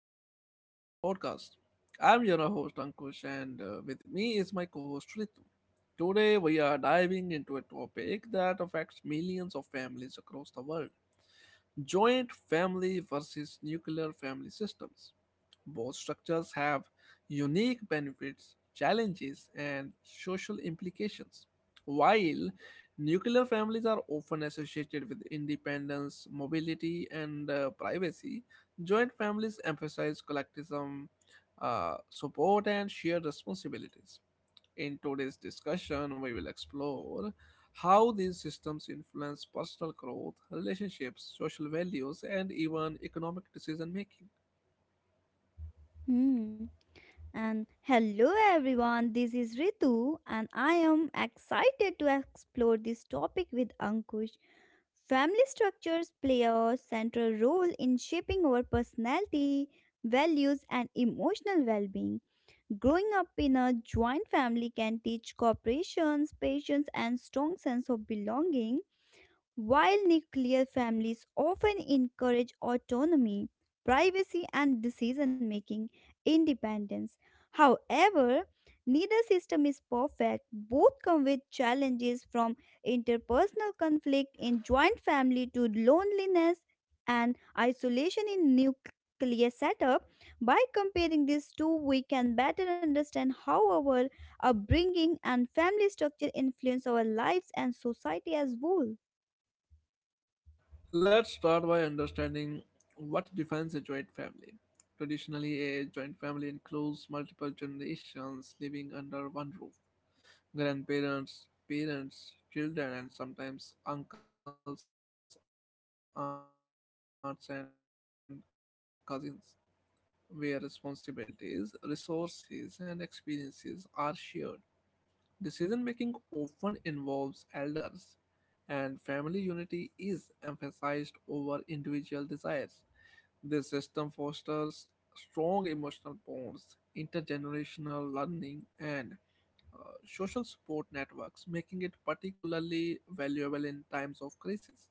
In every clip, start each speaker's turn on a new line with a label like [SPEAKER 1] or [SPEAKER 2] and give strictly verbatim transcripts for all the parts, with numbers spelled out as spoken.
[SPEAKER 1] and welcome to today's podcast. I'm your host Ankush, and uh, with me is my co host Ritu. Today, we are diving into a topic that affects millions of families across the world, joint family versus nuclear family systems. Both structures have unique benefits, challenges, and social implications. While nuclear families are often associated with independence, mobility, and uh, privacy, joint families emphasize collectivism, uh, support, and shared responsibilities. In today's discussion, we will explore how these systems influence personal growth, relationships, social values, and even economic decision making.
[SPEAKER 2] Hmm. And hello everyone, this is Ritu, and I am excited to explore this topic with Ankush. Family structures play a central role in shaping our personality, values, and emotional well being. Growing up in a joint family can teach cooperation, patience, and strong sense of belonging while nuclear families often encourage autonomy, privacy, and decision making independence. However, neither system is perfect. Both come with challenges from interpersonal conflict in joint family to loneliness and isolation in nuclear setup. By comparing these two, we can better understand how our upbringing and family structure influence our lives and society as whole.
[SPEAKER 1] Let's start by understanding what defines a joint family. Traditionally, a joint family includes multiple generations living under one roof: grandparents, parents, children, and sometimes uncles, aunts, and cousins. The central idea is collective living, where responsibilities, resources, and experiences are shared. Decision making often involves elders, and family unity is emphasized over individual desires. This system fosters strong emotional bonds, intergenerational learning, and uh, social support networks, making it particularly valuable in times of crisis.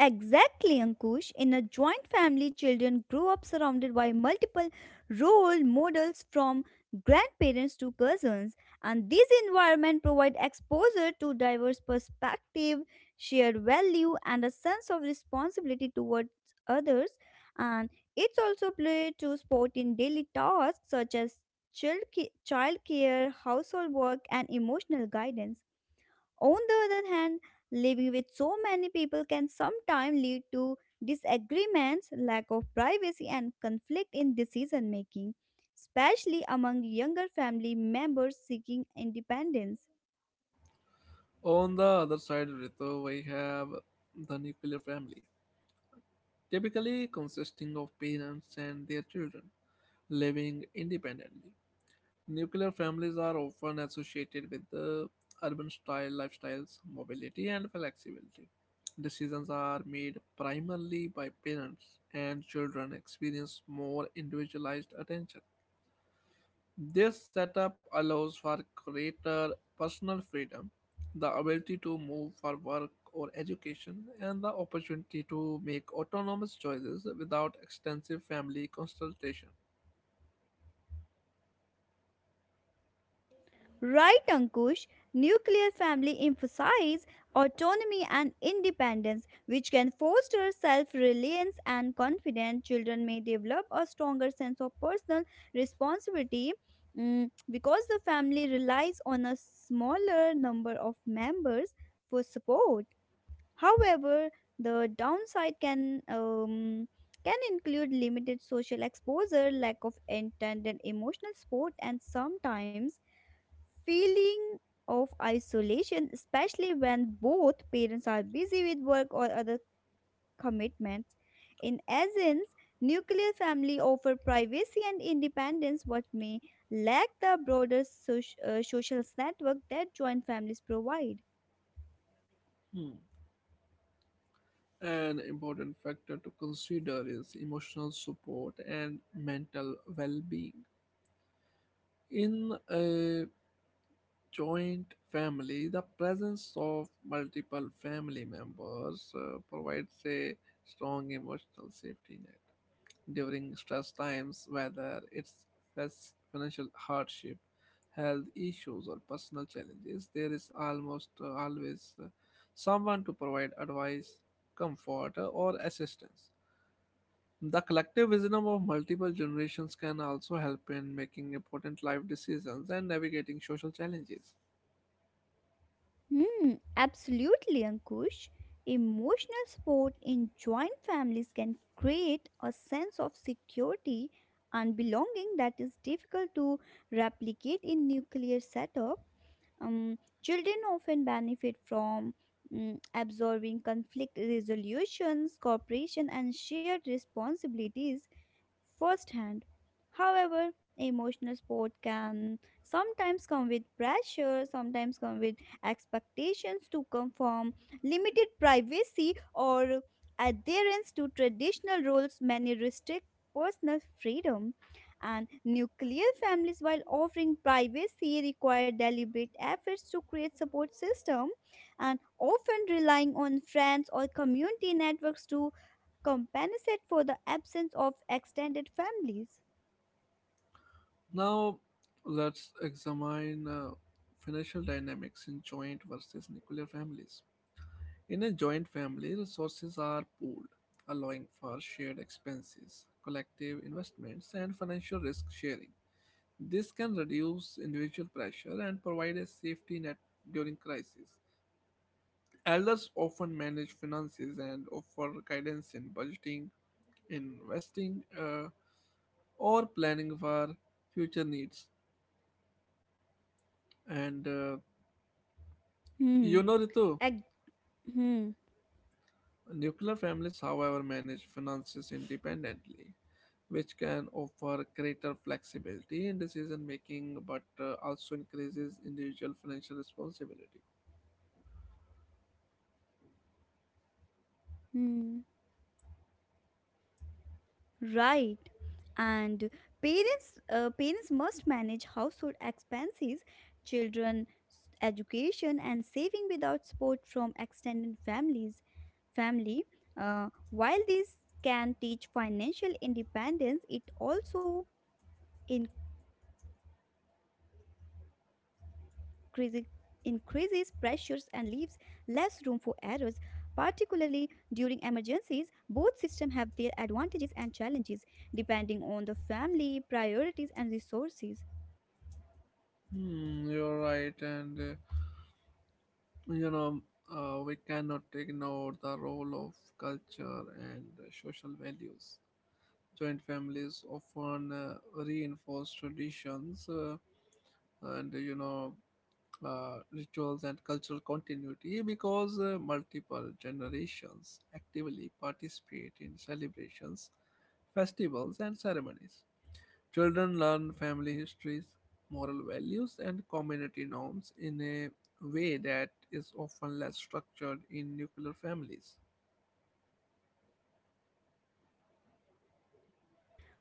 [SPEAKER 2] Exactly, Ankush. In a joint family, children grow up surrounded by multiple role models from grandparents to cousins, and this environment provide exposure to diverse perspective, shared value, and a sense of responsibility towards others. And it's also played to sport in daily tasks such as child care, household work, and emotional guidance. On the other hand, living with so many people can sometimes lead to disagreements, lack of privacy, and conflict in decision making, especially among younger family members seeking independence.
[SPEAKER 1] On the other side, Ritu, we have the nuclear family, typically consisting of parents and their children living independently. Nuclear families are often associated with the urban style lifestyles, mobility, and flexibility. Decisions are made primarily by parents, and children experience more individualized attention. This setup allows for greater personal freedom, the ability to move for work or education, and the opportunity to make autonomous choices without extensive family consultation.
[SPEAKER 2] Right, Ankush, nuclear family emphasize autonomy and independence, which can foster self-reliance and confidence. Children may develop a stronger sense of personal responsibility mm, because the family relies on a smaller number of members for support. However, the downside can um, can include limited social exposure, lack of intended emotional support, and sometimes feeling of isolation, especially when both parents are busy with work or other commitments. In essence, nuclear family offer privacy and independence but may lack the broader soc- uh, social network that joint families provide.
[SPEAKER 1] Hmm. An important factor to consider is emotional support and mental well being. In a joint family, the presence of multiple family members uh, provides a strong emotional safety net during stress times. Whether it's fas- financial hardship, health issues, or personal challenges, there is almost uh, always uh, someone to provide advice, comfort, uh, or assistance. The collective wisdom of multiple generations can also help in making important life decisions and navigating social challenges.
[SPEAKER 2] Hmm, absolutely, Ankush. Emotional support in joint families can create a sense of security and belonging that is difficult to replicate in nuclear setup. Um, children often benefit from mm, absorbing conflict resolutions, cooperation, and shared responsibilities firsthand. However, emotional support can sometimes come with pressure, sometimes come with expectations to conform, limited privacy, or adherence to traditional roles. Many restrict personal freedom and nuclear families while offering privacy require deliberate efforts to create support system and often relying on friends or community networks to compensate for the absence of extended families.
[SPEAKER 1] Now, let's examine uh, financial dynamics in joint versus nuclear families. In a joint family, resources are pooled, allowing for shared expenses, collective investments, and financial risk sharing. This can reduce individual pressure and provide a safety net during crisis. Elders often manage finances and offer guidance in budgeting, investing, uh, or planning for future needs. And uh,
[SPEAKER 2] Hmm.
[SPEAKER 1] you know, Ritu,
[SPEAKER 2] Ag- hmm.
[SPEAKER 1] Nuclear families, however, manage finances independently, which can offer greater flexibility in decision making, but uh, also increases individual financial responsibility.
[SPEAKER 2] Hmm. Right. And parents, uh, parents must manage household expenses, children, s- education, and saving without support from extended families. Family. Uh, while this can teach financial independence, it also increasing, increases pressures and leaves less room for errors. Particularly during emergencies, both systems have their advantages and challenges depending on the family, priorities, and resources.
[SPEAKER 1] Hmm, you're right, and uh, you know, uh, we cannot ignore the role of culture and uh, social values. Joint families often uh, reinforce traditions, uh, and you know uh, rituals, and cultural continuity, because uh, multiple generations actively participate in celebrations, festivals, and ceremonies. Children learn family histories, moral values, and community norms in a way that is often less structured in nuclear families.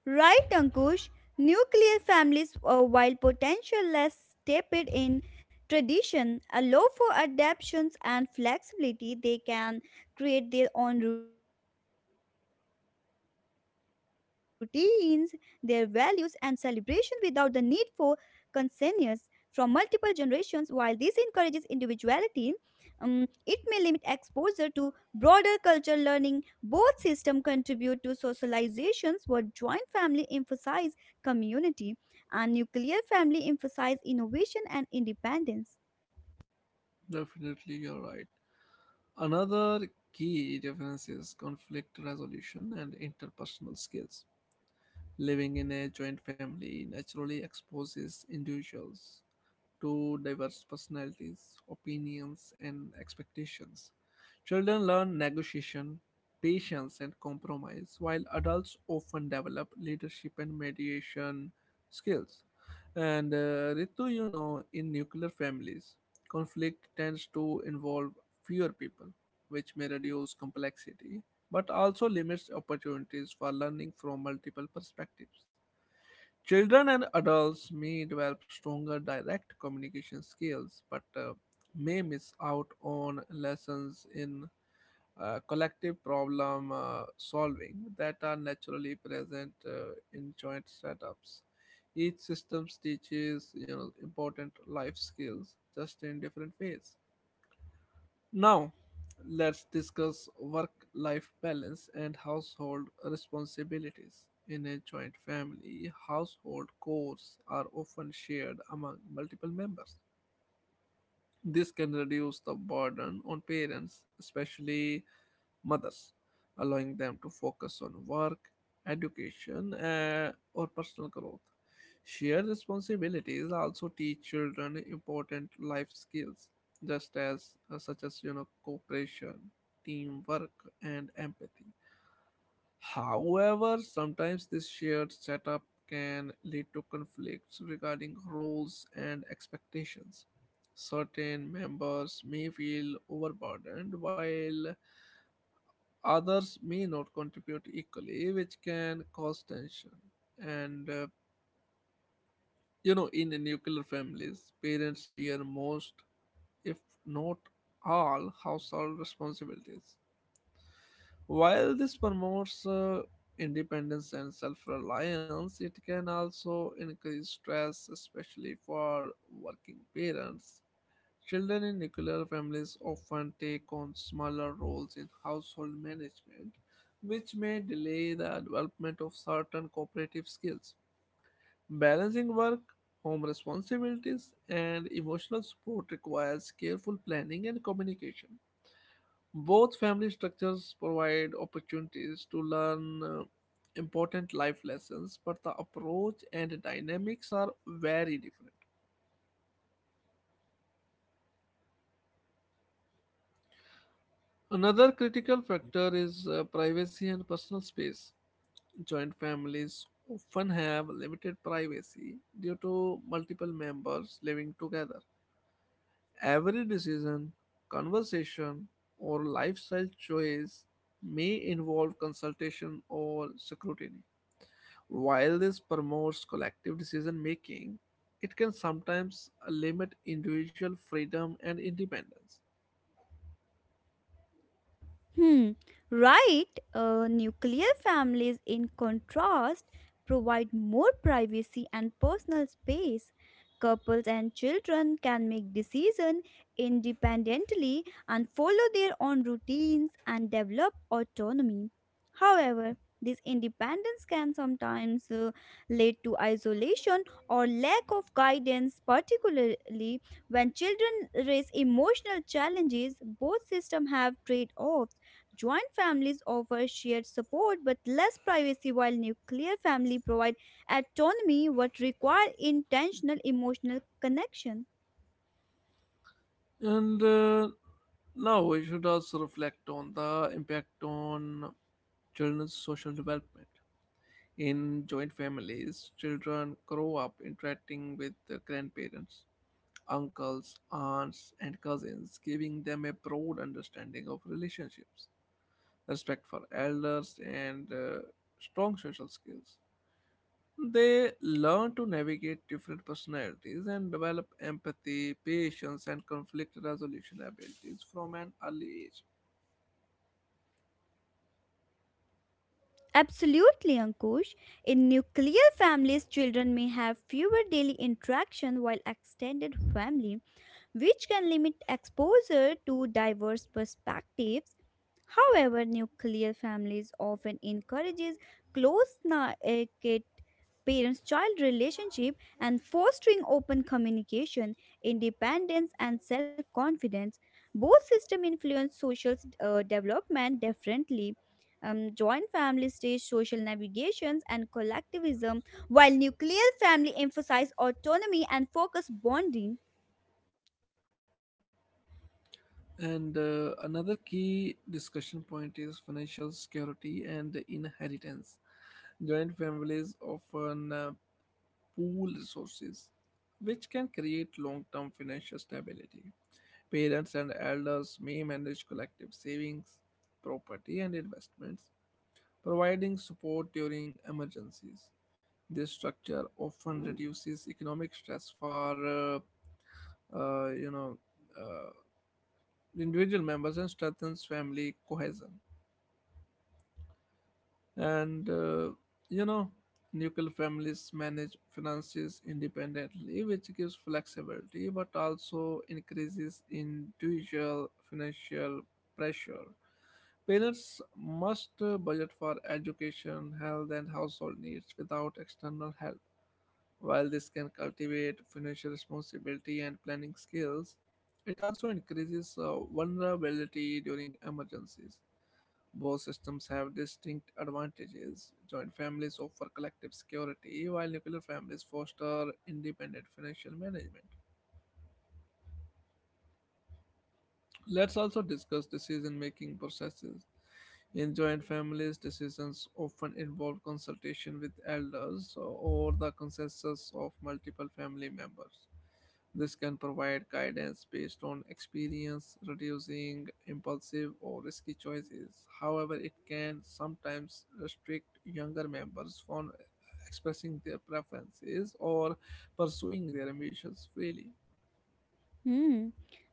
[SPEAKER 2] Right, Ankush? Nuclear families, uh, while potential less steeped in tradition, allow for adaptations and flexibility. They can create their own routines, their values, and celebration without the need for consensus from multiple generations. While this encourages individuality, um, it may limit exposure to broader cultural learning. Both systems contribute to socializations where joint family emphasize community and nuclear family emphasize innovation and independence.
[SPEAKER 1] Definitely, you're right. Another key difference is conflict resolution and interpersonal skills. Living in a joint family naturally exposes individuals to diverse personalities, opinions, and expectations. Children learn negotiation, patience, and compromise, while adults often develop leadership and mediation skills. And uh, Ritu, you know, in nuclear families, conflict tends to involve fewer people, which may reduce complexity but also limits opportunities for learning from multiple perspectives. Children and adults may develop stronger direct communication skills, but uh, may miss out on lessons in uh, collective problem uh, solving that are naturally present uh, in joint setups. Each system teaches, you know, important life skills just in different ways. Now, let's discuss work-life balance and household responsibilities. In a joint family, household chores are often shared among multiple members. This can reduce the burden on parents, especially mothers, allowing them to focus on work, education, uh, or personal growth. Shared responsibilities also teach children important life skills, just as uh, such as, you know, cooperation, teamwork, and empathy. However, sometimes this shared setup can lead to conflicts regarding roles and expectations. Certain members may feel overburdened while others may not contribute equally, which can cause tension. And uh, you know, in nuclear families, parents bear most, if not all, household responsibilities. While this promotes uh, independence and self reliance, it can also increase stress, especially for working parents. Children in nuclear families often take on smaller roles in household management, which may delay the development of certain cooperative skills. Balancing work, home responsibilities, and emotional support requires careful planning and communication. Both family structures provide opportunities to learn uh, important life lessons, but the approach and dynamics are very different. Another critical factor is uh, privacy and personal space. Joint families often have limited privacy due to multiple members living together. Every decision, conversation, or lifestyle choice may involve consultation or scrutiny. While this promotes collective decision making, it can sometimes limit individual freedom and independence.
[SPEAKER 2] Hmm, right. Uh, nuclear families, in contrast, provide more privacy and personal space. Couples and children can make decisions independently and follow their own routines and develop autonomy. However, this independence can sometimes uh, lead to isolation or lack of guidance, particularly when children raise emotional challenges. Both systems have trade offs. Joint families offer shared support but less privacy while nuclear family provide autonomy but require intentional emotional connection.
[SPEAKER 1] And uh, now we should also reflect on the impact on children's social development. In joint families, children grow up interacting with the grandparents, uncles, aunts, and cousins, giving them a broad understanding of relationships, respect for elders, and uh, strong social skills. They learn to navigate different personalities and develop empathy, patience, and conflict resolution abilities from an early age.
[SPEAKER 2] Absolutely, Ankush. In nuclear families, children may have fewer daily interaction while extended family, which can limit exposure to diverse perspectives. However, nuclear families often encourages close knit parents child relationship and fostering open communication, independence and self-confidence. Both system influence social uh, development differently. Um, joint family stage social navigations and collectivism, while nuclear family emphasize autonomy and focus bonding.
[SPEAKER 1] And uh, another key discussion point is financial security and inheritance. Joint families often uh, pool resources, which can create long term financial stability. Parents and elders may manage collective savings, property, and investments, providing support during emergencies. This structure often reduces economic stress for uh, uh, you know uh, individual members and strengthens family cohesion. and uh, you know nuclear families manage finances independently, which gives flexibility but also increases individual financial pressure. Parents must uh, budget for education, health, and household needs without external help. While this can cultivate financial responsibility and planning skills, it also increases uh, vulnerability during emergencies. Both systems have distinct advantages. Joint families offer collective security, while nuclear families foster independent financial management. Let's also discuss decision making processes. In joint families, decisions often involve consultation with elders or the consensus of multiple family members. This can provide guidance based on experience, reducing impulsive or risky choices. However, it can sometimes restrict younger members from expressing their preferences or pursuing their ambitions freely.
[SPEAKER 2] Hmm.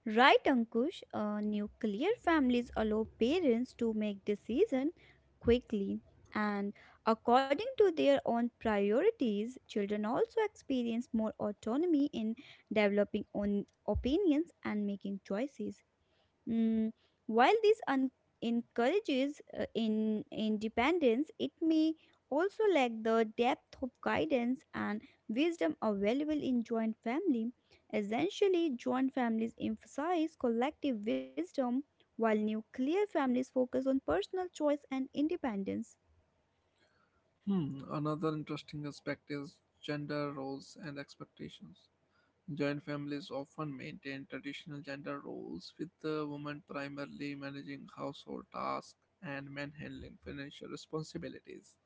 [SPEAKER 2] Right, Ankush. Uh, nuclear families allow parents to make decisions quickly and according to their own priorities. Children also experience more autonomy in developing own opinions and making choices. Mm, while this un- encourages uh, in independence, it may also lack the depth of guidance and wisdom available in joint family. Essentially, joint families emphasize collective wisdom, while nuclear families focus on personal choice and independence.
[SPEAKER 1] Hmm, another interesting aspect is gender roles and expectations. Joint families often maintain traditional gender roles, with the woman primarily managing household tasks and men handling financial responsibilities.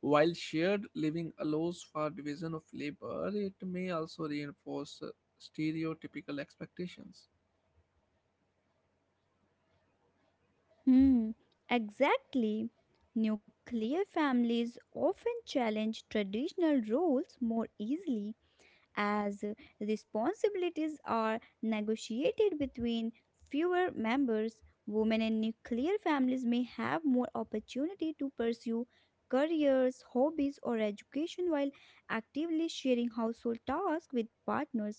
[SPEAKER 1] While shared living allows for division of labor, it may also reinforce uh, stereotypical expectations.
[SPEAKER 2] Hmm, exactly. Nuclear families often challenge traditional roles more easily as responsibilities are negotiated between fewer members. Women in nuclear families may have more opportunity to pursue careers, hobbies, or education while actively sharing household tasks with partners.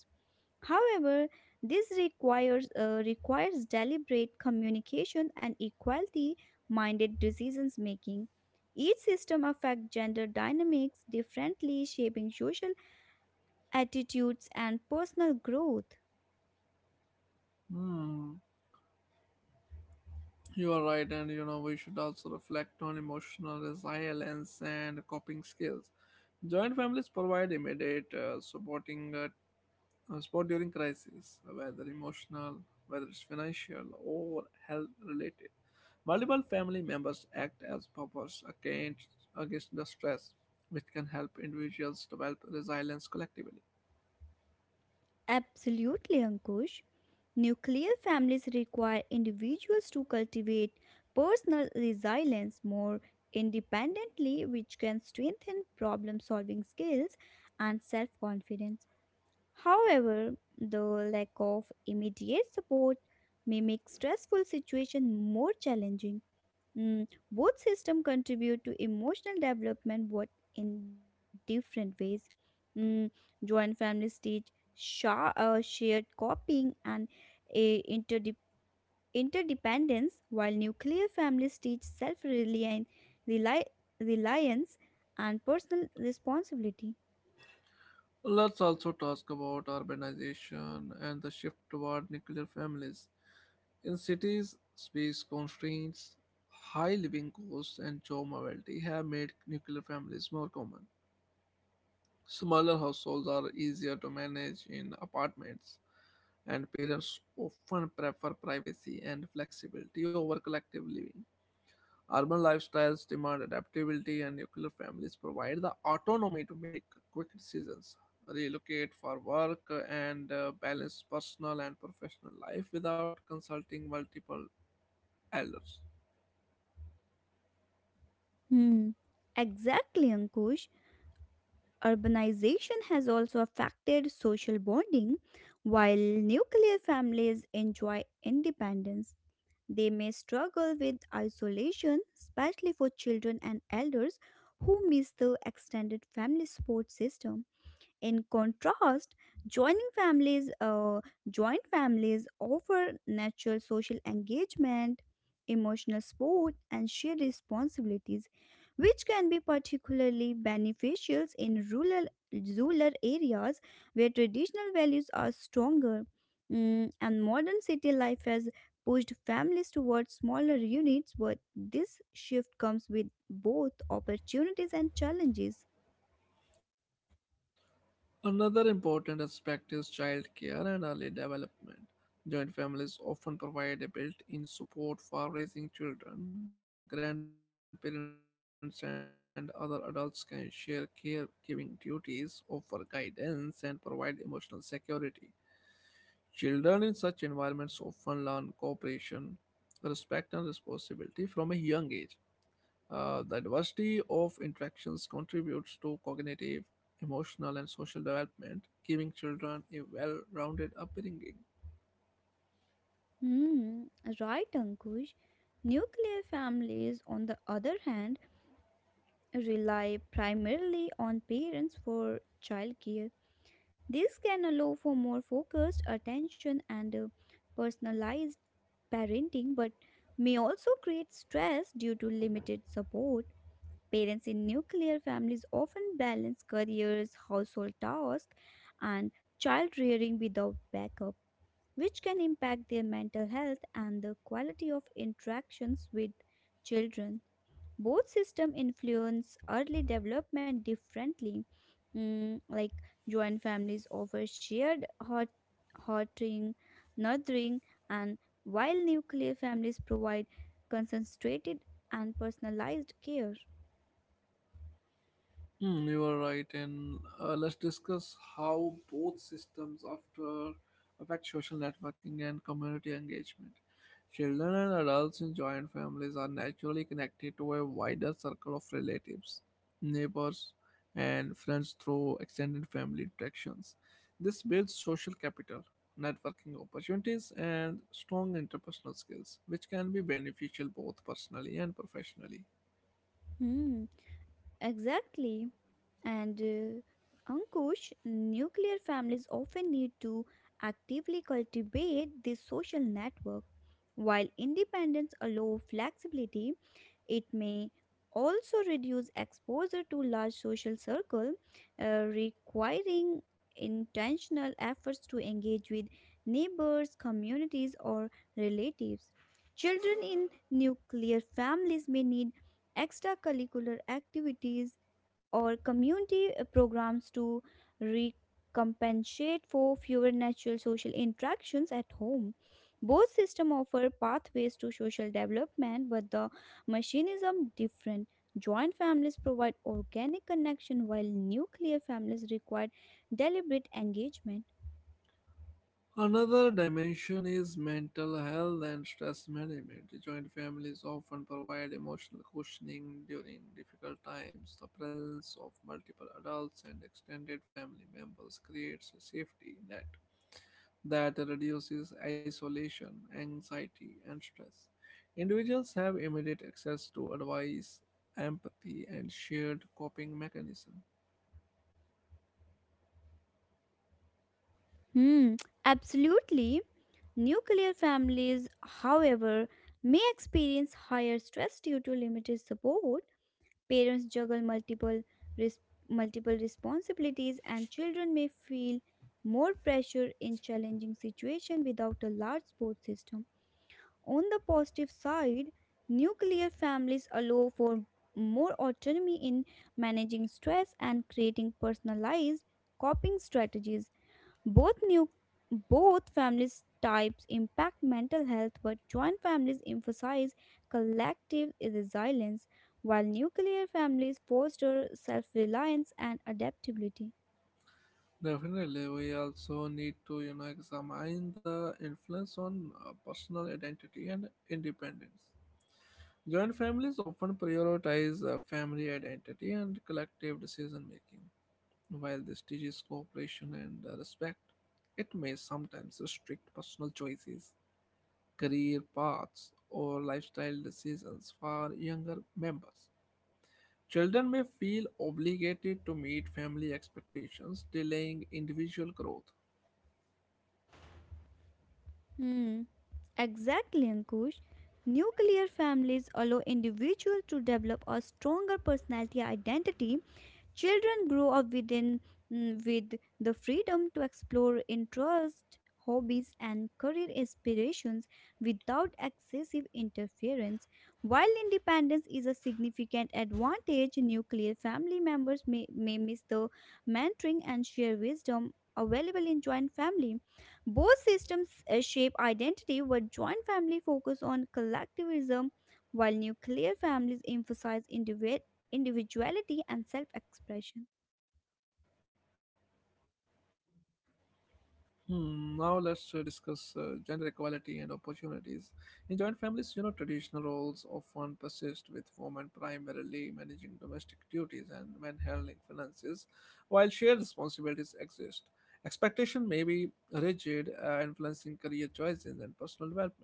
[SPEAKER 2] However, this requires uh, requires deliberate communication and equality-minded decisions making. Each system affects gender dynamics differently, shaping social attitudes, and personal growth.
[SPEAKER 1] Hmm. You are right, and you know we should also reflect on emotional resilience and coping skills. Joint families provide immediate uh, supporting uh, uh, support during crisis, whether emotional, whether it's financial or health related. Multiple family members act as buffers against, against the stress, which can help individuals develop resilience collectively.
[SPEAKER 2] Absolutely, Ankush. Nuclear families require individuals to cultivate personal resilience more independently, which can strengthen problem solving skills and self confidence. However, the lack of immediate support may make stressful situations more challenging. Mm, both systems contribute to emotional development, but in different ways. Mm, Joint families teach sha- uh, shared copying and a interde- interdependence, while nuclear families teach self reliance and personal responsibility.
[SPEAKER 1] Let's also talk about urbanization and the shift toward nuclear families. In cities, space constraints, high living costs, and job mobility have made nuclear families more common. Smaller households are easier to manage in apartments, and parents often prefer privacy and flexibility over collective living. Urban lifestyles demand adaptability, and nuclear families provide the autonomy to make quick decisions, relocate for work, and uh, balance personal and professional life without consulting multiple elders.
[SPEAKER 2] Hmm. Exactly, Ankush. Urbanization has also affected social bonding, while nuclear families enjoy independence. They may struggle with isolation, especially for children and elders who miss the extended family support system. In contrast, joining families, uh, joint families offer natural social engagement, emotional support, and shared responsibilities, which can be particularly beneficial in rural rural areas where traditional values are stronger. Mm, and modern city life has pushed families towards smaller units, but this shift comes with both opportunities and challenges.
[SPEAKER 1] Another important aspect is childcare and early development. Joint families often provide a built in support for raising children. Grandparents and other adults can share caregiving duties, offer guidance, and provide emotional security. Children in such environments often learn cooperation, respect, and responsibility from a young age. Uh, the diversity of interactions contributes to cognitive, emotional, and social development, giving children a well rounded upbringing.
[SPEAKER 2] Hmm, right, Ankush. Nuclear families, on the other hand, rely primarily on parents for childcare. This can allow for more focused attention and uh, personalized parenting, but may also create stress due to limited support. Parents in nuclear families often balance careers, household tasks, and child rearing without backup which can impact their mental health and the quality of interactions with children. Both system influence early development differently. Mm, like joint families offer shared hot, hoting, nurturing, and while nuclear families provide concentrated and personalized care.
[SPEAKER 1] Hmm, you are right, and uh, let's discuss how both systems after affect social networking and community engagement. Children and adults in joint families are naturally connected to a wider circle of relatives, neighbors, and friends through extended family interactions. This builds social capital, networking opportunities, and strong interpersonal skills, which can be beneficial both personally and professionally.
[SPEAKER 2] Hmm. Exactly. And uh, Ankush, nuclear families often need to actively cultivate this social network. While independence allows flexibility, it may also reduce exposure to large social circle, uh, requiring intentional efforts to engage with neighbors, communities, or relatives. Children in nuclear families may need extracurricular activities or community uh, programs to recompensate for fewer natural social interactions at home. Both systems offer pathways to social development, but the mechanism different. Joint families provide organic connection while nuclear families require deliberate engagement.
[SPEAKER 1] Another dimension is mental health and stress management. Joint families often provide emotional cushioning during difficult times. The presence of multiple adults and extended family members creates a safety net that reduces isolation, anxiety, and stress. Individuals have immediate access to advice, empathy, and shared coping mechanism.
[SPEAKER 2] Hmm, absolutely. Nuclear families, however, may experience higher stress due to limited support. Parents juggle multiple res- multiple responsibilities and children may feel more pressure in challenging situations without a large support system. On the positive side, nuclear families allow for more autonomy in managing stress and creating personalized coping strategies. both new Both families types impact mental health, but joint families emphasize collective resilience, while nuclear families foster self-reliance and adaptability.
[SPEAKER 1] Definitely, we also need to, you know, examine the influence on uh, personal identity and independence. Joint families often prioritize uh, family identity and collective decision making. While this teaches cooperation and uh, respect, it may sometimes restrict personal choices, career paths, or lifestyle decisions for younger members. Children may feel obligated to meet family expectations, delaying individual growth.
[SPEAKER 2] Hmm. Exactly, Ankush. Nuclear families allow individuals to develop a stronger personality identity. Children grow up within mm, with the freedom to explore interests, hobbies, and career aspirations without excessive interference. While independence is a significant advantage, nuclear family members may, may miss the mentoring and share wisdom available in joint family. Both systems uh, shape identity, but joint family focus on collectivism, while nuclear families emphasize individualism individuality and self expression.
[SPEAKER 1] Hmm, now let's uh, discuss uh, gender equality and opportunities. In joint families, you know, traditional roles often persist, with women primarily managing domestic duties and men handling finances, while shared responsibilities exist. Expectation may be rigid, uh, influencing career choices and personal development.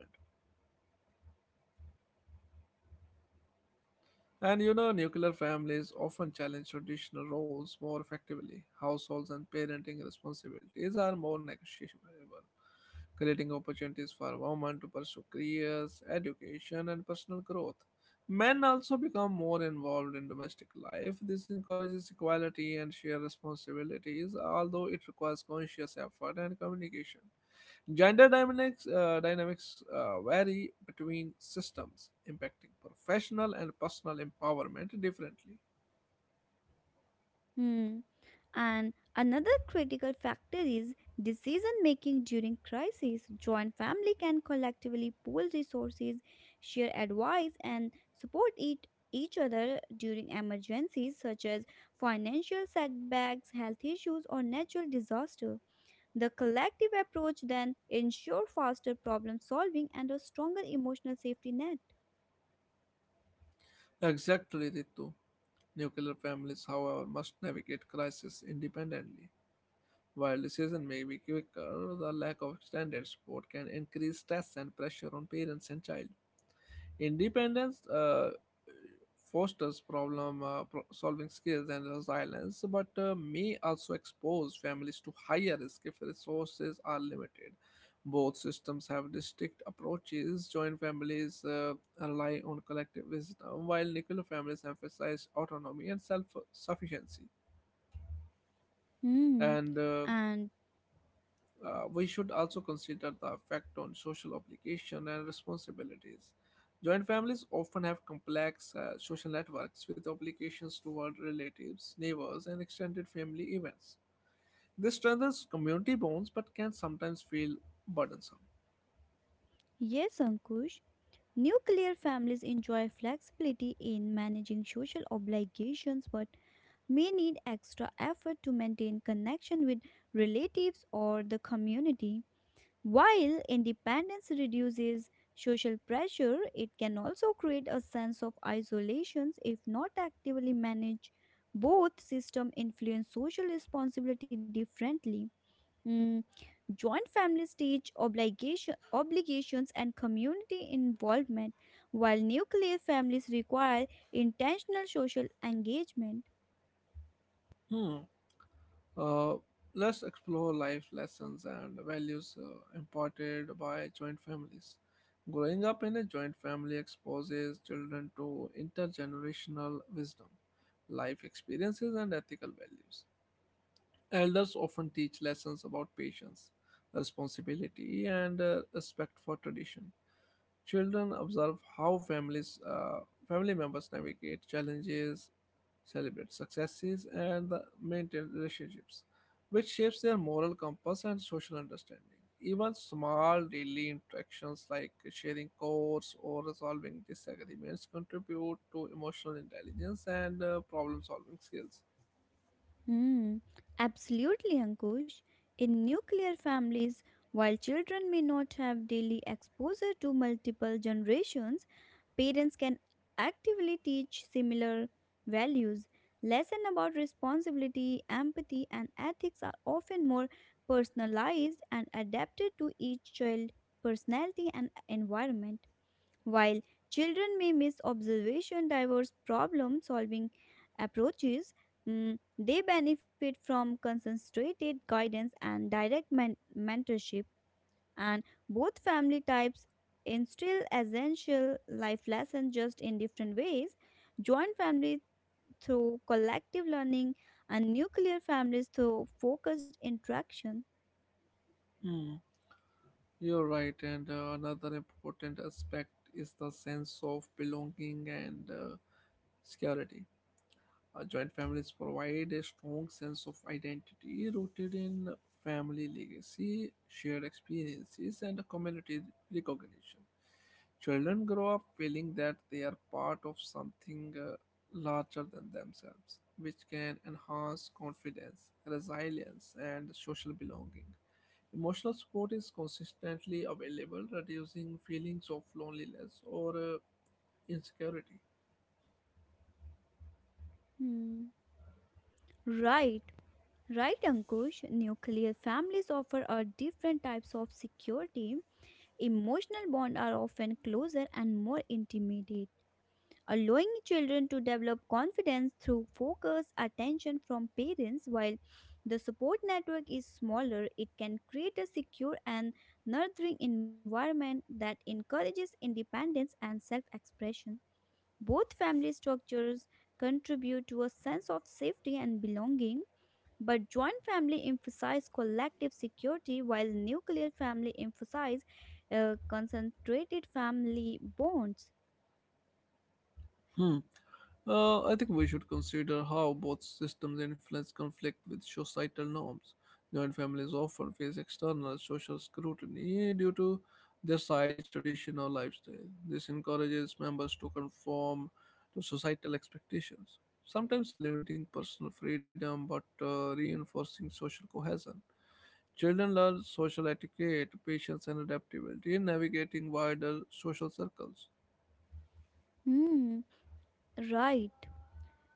[SPEAKER 1] And you know, nuclear families often challenge traditional roles more effectively. Households and parenting responsibilities are more negotiable, creating opportunities for women to pursue careers, education, and personal growth. Men also become more involved in domestic life. This encourages equality and shared responsibilities, although it requires conscious effort and communication. Gender dynamics, uh, dynamics uh, vary between systems, impacting professional and personal empowerment differently.
[SPEAKER 2] Hmm. And another critical factor is decision making during crisis. Joint family can collectively pool resources, share advice, and support it, each other during emergencies such as financial setbacks, health issues, or natural disaster. The collective approach then ensure faster problem solving and a stronger emotional safety net.
[SPEAKER 1] Exactly, Ritu. Nuclear families, however, must navigate crisis independently. While decision may be quicker, the lack of standard support can increase stress and pressure on parents and child. Independence uh, fosters problem uh, pro- solving skills and resilience, but uh, may also expose families to higher risk if resources are limited. Both systems have distinct approaches. Joint families uh, rely on collective wisdom, while nuclear families emphasize autonomy and self sufficiency.
[SPEAKER 2] Hmm.
[SPEAKER 1] And uh,
[SPEAKER 2] And
[SPEAKER 1] Uh, we should also consider the effect on social obligation and responsibilities. Joint families often have complex uh, social networks with obligations toward relatives, neighbors, and extended family events. This strengthens community bonds but can sometimes feel burdensome.
[SPEAKER 2] yes, Ankush. Nuclear families enjoy flexibility in managing social obligations but may need extra effort to maintain connection with relatives or the community. While independence reduces social pressure, it can also create a sense of isolation if not actively managed. Both systems influence social responsibility differently. Mm, Joint families teach obligation, obligations and community involvement, while nuclear families require intentional social engagement.
[SPEAKER 1] Hmm. Uh, let's explore life lessons and values uh, imparted by joint families. Growing up in a joint family exposes children to intergenerational wisdom, life experiences, and ethical values. Elders often teach lessons about patience, responsibility, and uh, respect for tradition. Children observe how families, uh, family members navigate challenges celebrate successes and the maintain relationships, which shapes their moral compass and social understanding. Even small daily interactions like sharing chores or resolving disagreements contribute to emotional intelligence and uh, problem solving skills.
[SPEAKER 2] Hmm, absolutely, Ankush. In nuclear families, while children may not have daily exposure to multiple generations, parents can actively teach similar values. Lessons about responsibility, empathy, and ethics are often more personalized and adapted to each child's personality and environment. While children may miss observation diverse problem solving approaches, mm, they benefit from concentrated guidance and direct men- mentorship, and both family types instill essential life lessons just in different ways. Joint families through collective learning, and nuclear families through focused interaction.
[SPEAKER 1] Hmm, you're right, and uh, another important aspect is the sense of belonging and uh, security. Uh, joint families provide a strong sense of identity rooted in family legacy, shared experiences, and community recognition. Children grow up feeling that they are part of something uh, larger than themselves, which can enhance confidence, resilience, and social belonging. Emotional support is consistently available, reducing feelings of loneliness or uh, insecurity.
[SPEAKER 2] Hmm. Right, right, Ankush. Nuclear families offer a different types of security. Emotional bonds are often closer and more intimate, allowing children to develop confidence through focused attention from parents. While the support network is smaller, it can create a secure and nurturing environment that encourages independence and self expression. Both family structures contribute to a sense of safety and belonging, but joint family emphasize collective security while nuclear family emphasize uh, concentrated family bonds.
[SPEAKER 1] Hmm. Uh, I think we should consider how both systems influence conflict with societal norms. Joint families often face external social scrutiny due to their size, tradition, or lifestyle. This encourages members to conform to societal expectations, sometimes limiting personal freedom but uh, reinforcing social cohesion. Children learn social etiquette, patience, and adaptability in navigating wider social circles.
[SPEAKER 2] Hmm, right.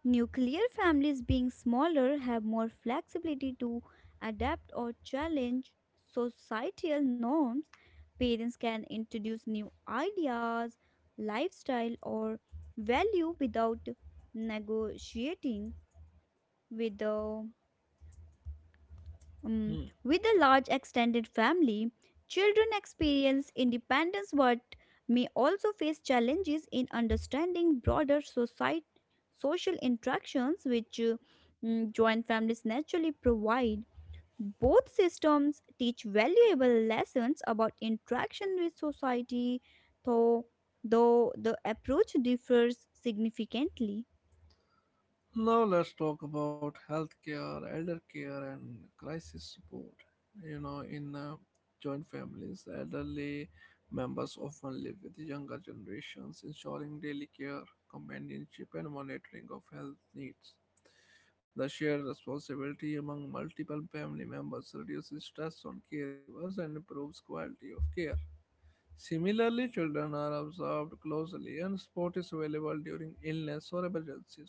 [SPEAKER 2] Nuclear families, being smaller, have more flexibility to adapt or challenge societal norms. Parents can introduce new ideas, lifestyle, or value without negotiating with the Mm,
[SPEAKER 1] Hmm.
[SPEAKER 2] with a large extended family, children experience independence but may also face challenges in understanding broader society, social interactions which uh, mm, joint families naturally provide. Both systems teach valuable lessons about interaction with society, though, though the approach differs significantly.
[SPEAKER 1] Now let's talk about healthcare, elder care, and crisis support. You know, in uh, joint families, elderly members often live with younger generations, ensuring daily care, companionship, and monitoring of health needs. The shared responsibility among multiple family members reduces stress on caregivers and improves quality of care. Similarly, children are observed closely and support is available during illness or emergencies.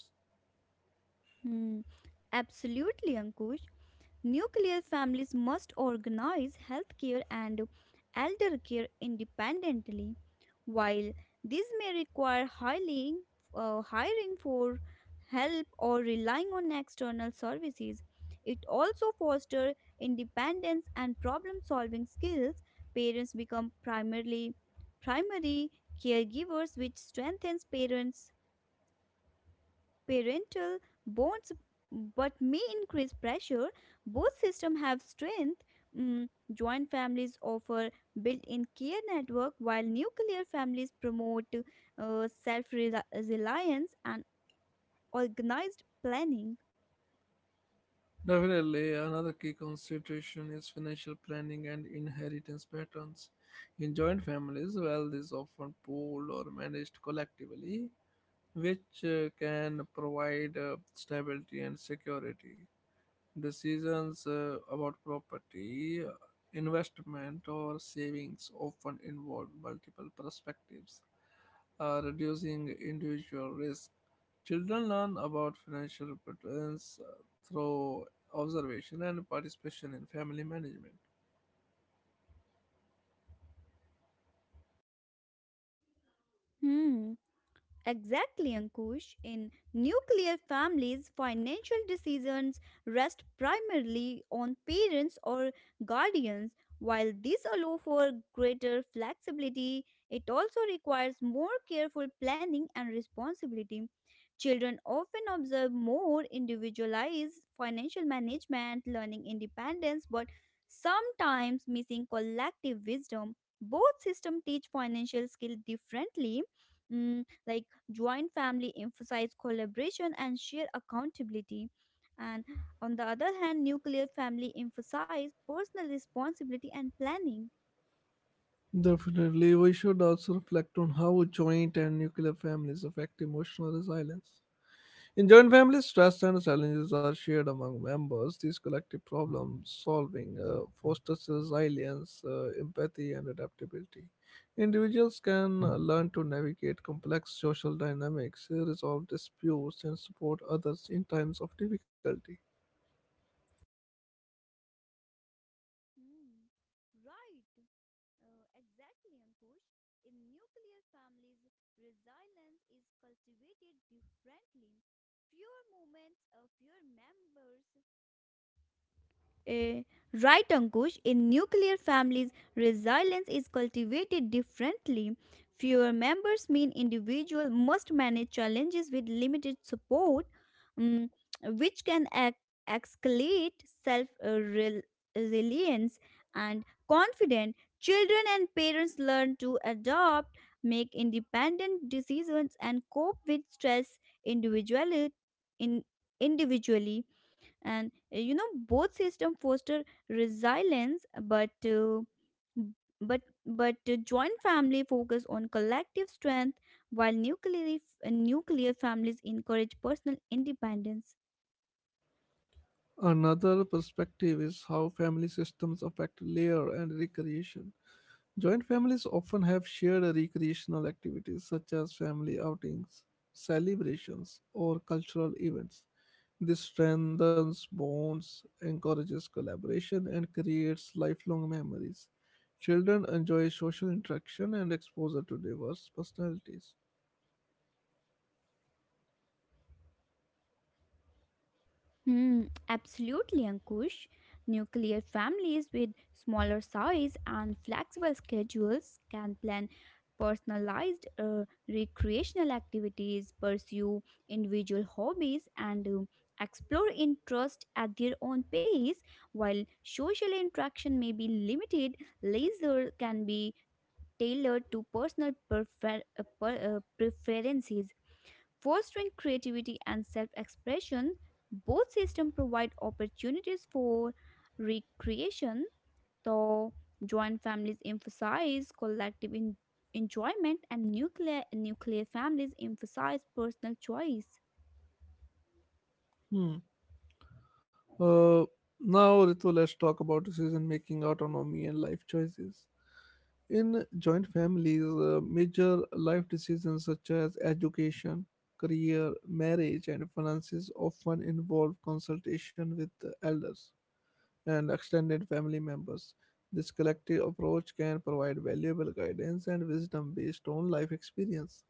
[SPEAKER 2] Hmm. Absolutely, Ankush. Nuclear families must organize healthcare and elder care independently. While this may require hiring, uh, hiring for help or relying on external services, it also fosters independence and problem solving skills. Parents become primarily primary caregivers, which strengthens parents' parental bonds but may increase pressure. Both systems have strength. Mm, Joint families offer built-in care network while nuclear families promote uh, self-reliance and organized planning.
[SPEAKER 1] Definitely, another key consideration is financial planning and inheritance patterns. In joint families, wealth is often pooled or managed collectively, which uh, can provide uh, stability and security. Decisions uh, about property, uh, investment, or savings often involve multiple perspectives, uh, reducing individual risk. Children learn about financial prudence uh, through observation and participation in family management.
[SPEAKER 2] Hmm. Exactly, Ankush. In nuclear families, financial decisions rest primarily on parents or guardians. While this allows for greater flexibility, it also requires more careful planning and responsibility. Children often observe more individualized financial management, learning independence, but sometimes missing collective wisdom. Both systems teach financial skill differently. Mm, like, joint family emphasize collaboration and share accountability. And on the other hand, nuclear family emphasize personal responsibility and planning.
[SPEAKER 1] Definitely, we should also reflect on how joint and nuclear families affect emotional resilience. In joint families, stress and challenges are shared among members. This collective problem solving uh, fosters resilience, uh, empathy, and adaptability. Individuals can uh, learn to navigate complex social dynamics, uh, resolve disputes, and support others in times of difficulty.
[SPEAKER 2] Hmm. Right. Uh, exactly, Ankush. In nuclear families, resilience is cultivated differently. Fewer moments, uh, fewer members, Eh, right, Ankush. In nuclear families, resilience is cultivated differently. Fewer members mean individual must manage challenges with limited support, mm, which can ex- escalate self-reliance and confidence. Children and parents learn to adopt, make independent decisions, and cope with stress individually. In, Individually, and uh, you know, both system foster resilience but uh, but but uh, joint family focus on collective strength while nuclear f- uh, nuclear families encourage personal independence.
[SPEAKER 1] Another perspective is how family systems affect layer and recreation. Joint families often have shared recreational activities such as family outings, celebrations, or cultural events. This strengthens bonds, encourages collaboration, and creates lifelong memories. Children enjoy social interaction and exposure to diverse personalities.
[SPEAKER 2] Hmm, absolutely, Ankush. Nuclear families with smaller size and flexible schedules can plan personalized uh, recreational activities, pursue individual hobbies, and uh, explore interest at their own pace. While social interaction may be limited, leisure can be tailored to personal prefer- uh, per- uh, preferences. Fostering creativity and self expression, both systems provide opportunities for recreation, though joint families emphasize collective en- enjoyment and nuclear, nuclear families emphasize personal choice.
[SPEAKER 1] Hmm. Uh, Now, Ritu, let's talk about decision making, autonomy, and life choices. In joint families, uh, major life decisions such as education, career, marriage, and finances often involve consultation with the elders and extended family members. This collective approach can provide valuable guidance and wisdom based on life experience,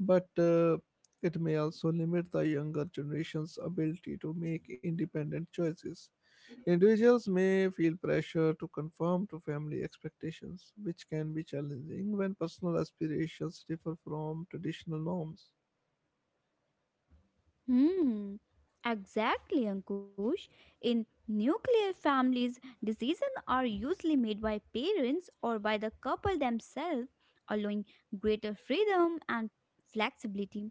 [SPEAKER 1] but uh, it may also limit the younger generation's ability to make independent choices. Individuals may feel pressure to conform to family expectations, which can be challenging when personal aspirations differ from traditional norms.
[SPEAKER 2] Hmm. Exactly, Ankush. In nuclear families, decisions are usually made by parents or by the couple themselves, allowing greater freedom and flexibility.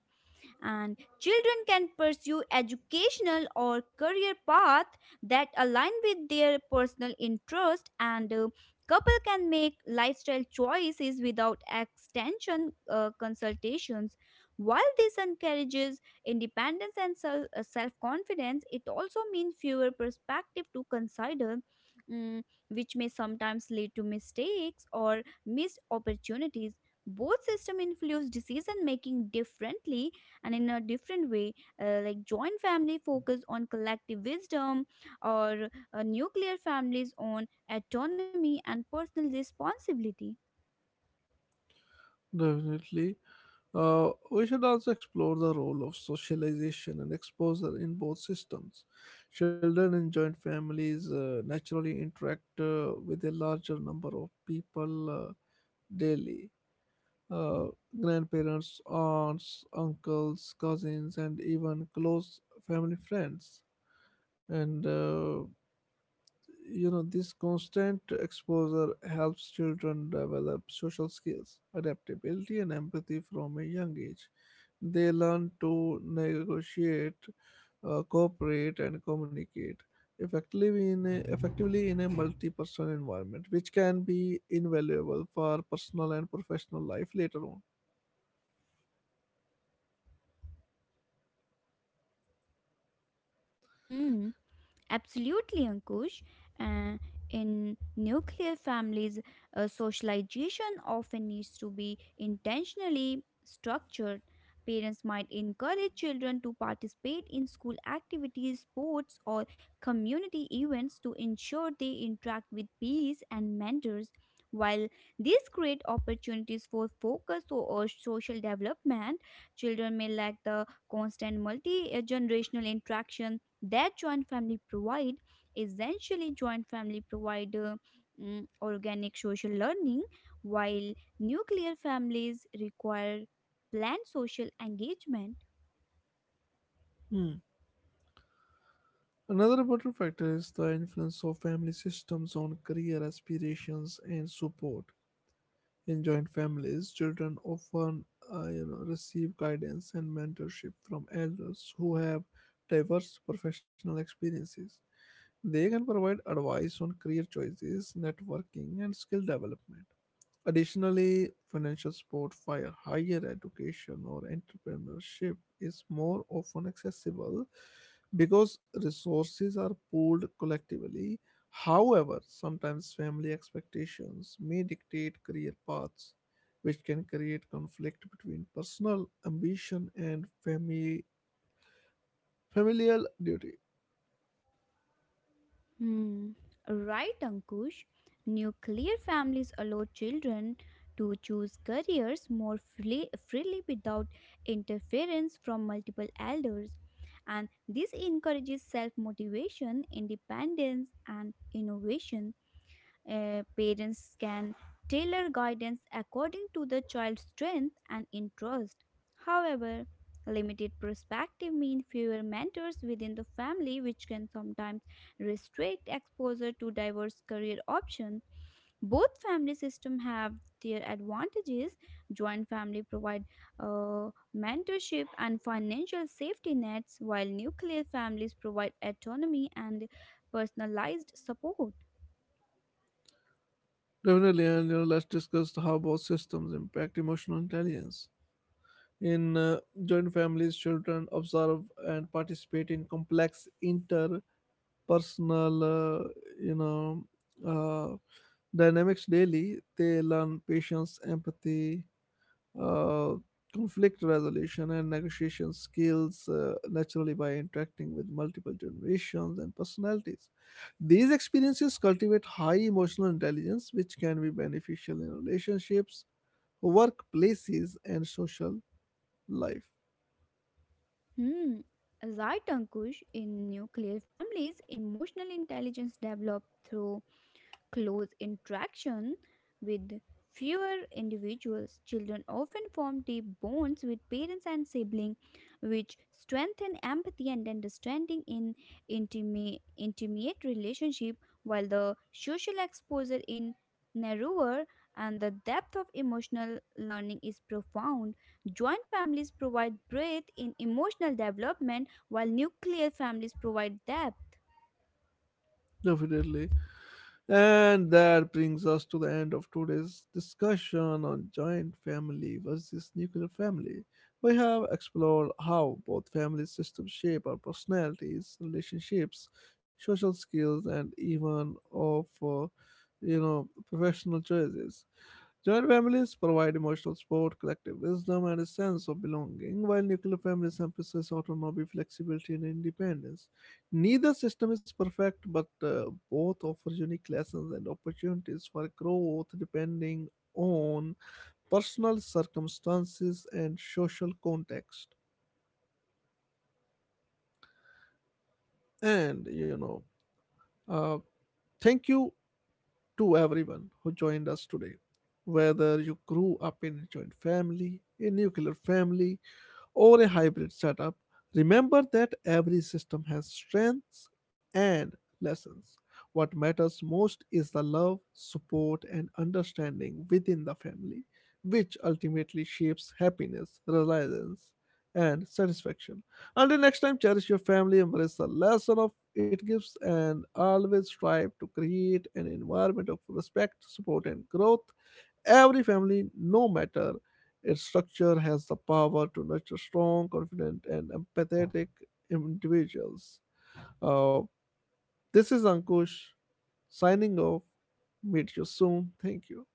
[SPEAKER 2] And children can pursue educational or career path that align with their personal interest, and uh, couple can make lifestyle choices without extension uh, consultations. While this encourages independence and self- uh, self-confidence, it also means fewer perspective to consider, mm, which may sometimes lead to mistakes or missed opportunities. Both system influence decision making differently and in a different way. Uh, like, joint family focus on collective wisdom or uh, nuclear families on autonomy and personal responsibility.
[SPEAKER 1] Definitely. Uh, we should also explore the role of socialization and exposure in both systems. Children in joint families uh, naturally interact uh, with a larger number of people uh, daily. Uh, Grandparents, aunts, uncles, cousins, and even close family friends and uh, you know this constant exposure helps children develop social skills adaptability and empathy from a young age they learn to negotiate uh, cooperate and communicate effectively in a, effectively in a multi-person environment which can be invaluable for personal and professional life later on.
[SPEAKER 2] Hmm. Absolutely, Ankush. Uh, in nuclear families, uh, socialization often needs to be intentionally structured. Parents might encourage children to participate in school activities, sports, or community events to ensure they interact with peers and mentors. While these create opportunities for focus or or social development, children may lack the constant multi generational interaction that joint family provide. Essentially joint family provide uh, mm, organic social learning while nuclear families require planned social engagement.
[SPEAKER 1] Hmm. Another important factor is the influence of family systems on career aspirations and support. In joint families, children often uh, you know, receive guidance and mentorship from elders who have diverse professional experiences. They can provide advice on career choices, networking, and skill development. Additionally, financial support via higher education or entrepreneurship is more often accessible because resources are pooled collectively. However, sometimes family expectations may dictate career paths, which can create conflict between personal ambition and family familial duty.
[SPEAKER 2] Hmm. Right, Ankush. Nuclear families allow children to choose careers more freely, freely without interference from multiple elders, and this encourages self motivation, independence, and innovation. Uh, parents can tailor guidance according to the child's strength and interest. However, limited perspective means fewer mentors within the family, which can sometimes restrict exposure to diverse career options. Both family systems have their advantages. Joint family provide uh, mentorship and financial safety nets, while nuclear families provide autonomy and personalized support.
[SPEAKER 1] Definitely, and you know, let's discuss how both systems impact emotional intelligence. In uh, joint families, children observe and participate in complex interpersonal, uh, you know, uh, dynamics daily. They learn patience, empathy, uh, conflict resolution, and negotiation skills uh, naturally by interacting with multiple generations and personalities. These experiences cultivate high emotional intelligence, which can be beneficial in relationships, workplaces, and social life.
[SPEAKER 2] Hmm. Right, Ankush. In nuclear families, emotional intelligence developed through close interaction with fewer individuals. Children often form deep bonds with parents and siblings, which strengthen empathy and understanding in intimate, intimate relationship, while the social exposure in narrower and the depth of emotional learning is profound. Joint families provide breadth in emotional development, while nuclear families provide depth.
[SPEAKER 1] Definitely. And that brings us to the end of today's discussion on giant family versus nuclear family. We have explored how both family systems shape our personalities, relationships, social skills, and even of uh, you know professional choices. Joint families provide emotional support, collective wisdom, and a sense of belonging, while nuclear families emphasize autonomy, flexibility, and independence. Neither system is perfect, but uh, both offer unique lessons and opportunities for growth depending on personal circumstances and social context. And, you know, uh, thank you to everyone who joined us today, whether you grew up in a joint family, a nuclear family, or a hybrid setup, remember that every system has strengths and lessons. What matters most is the love, support, and understanding within the family, which ultimately shapes happiness, resilience, and satisfaction. Until next time, cherish your family, embrace the lesson of it gives, and always strive to create an environment of respect, support, and growth. Every family, no matter its structure, has the power to nurture strong, confident, and empathetic individuals. Uh, this is Ankush signing off. Meet you soon. Thank you.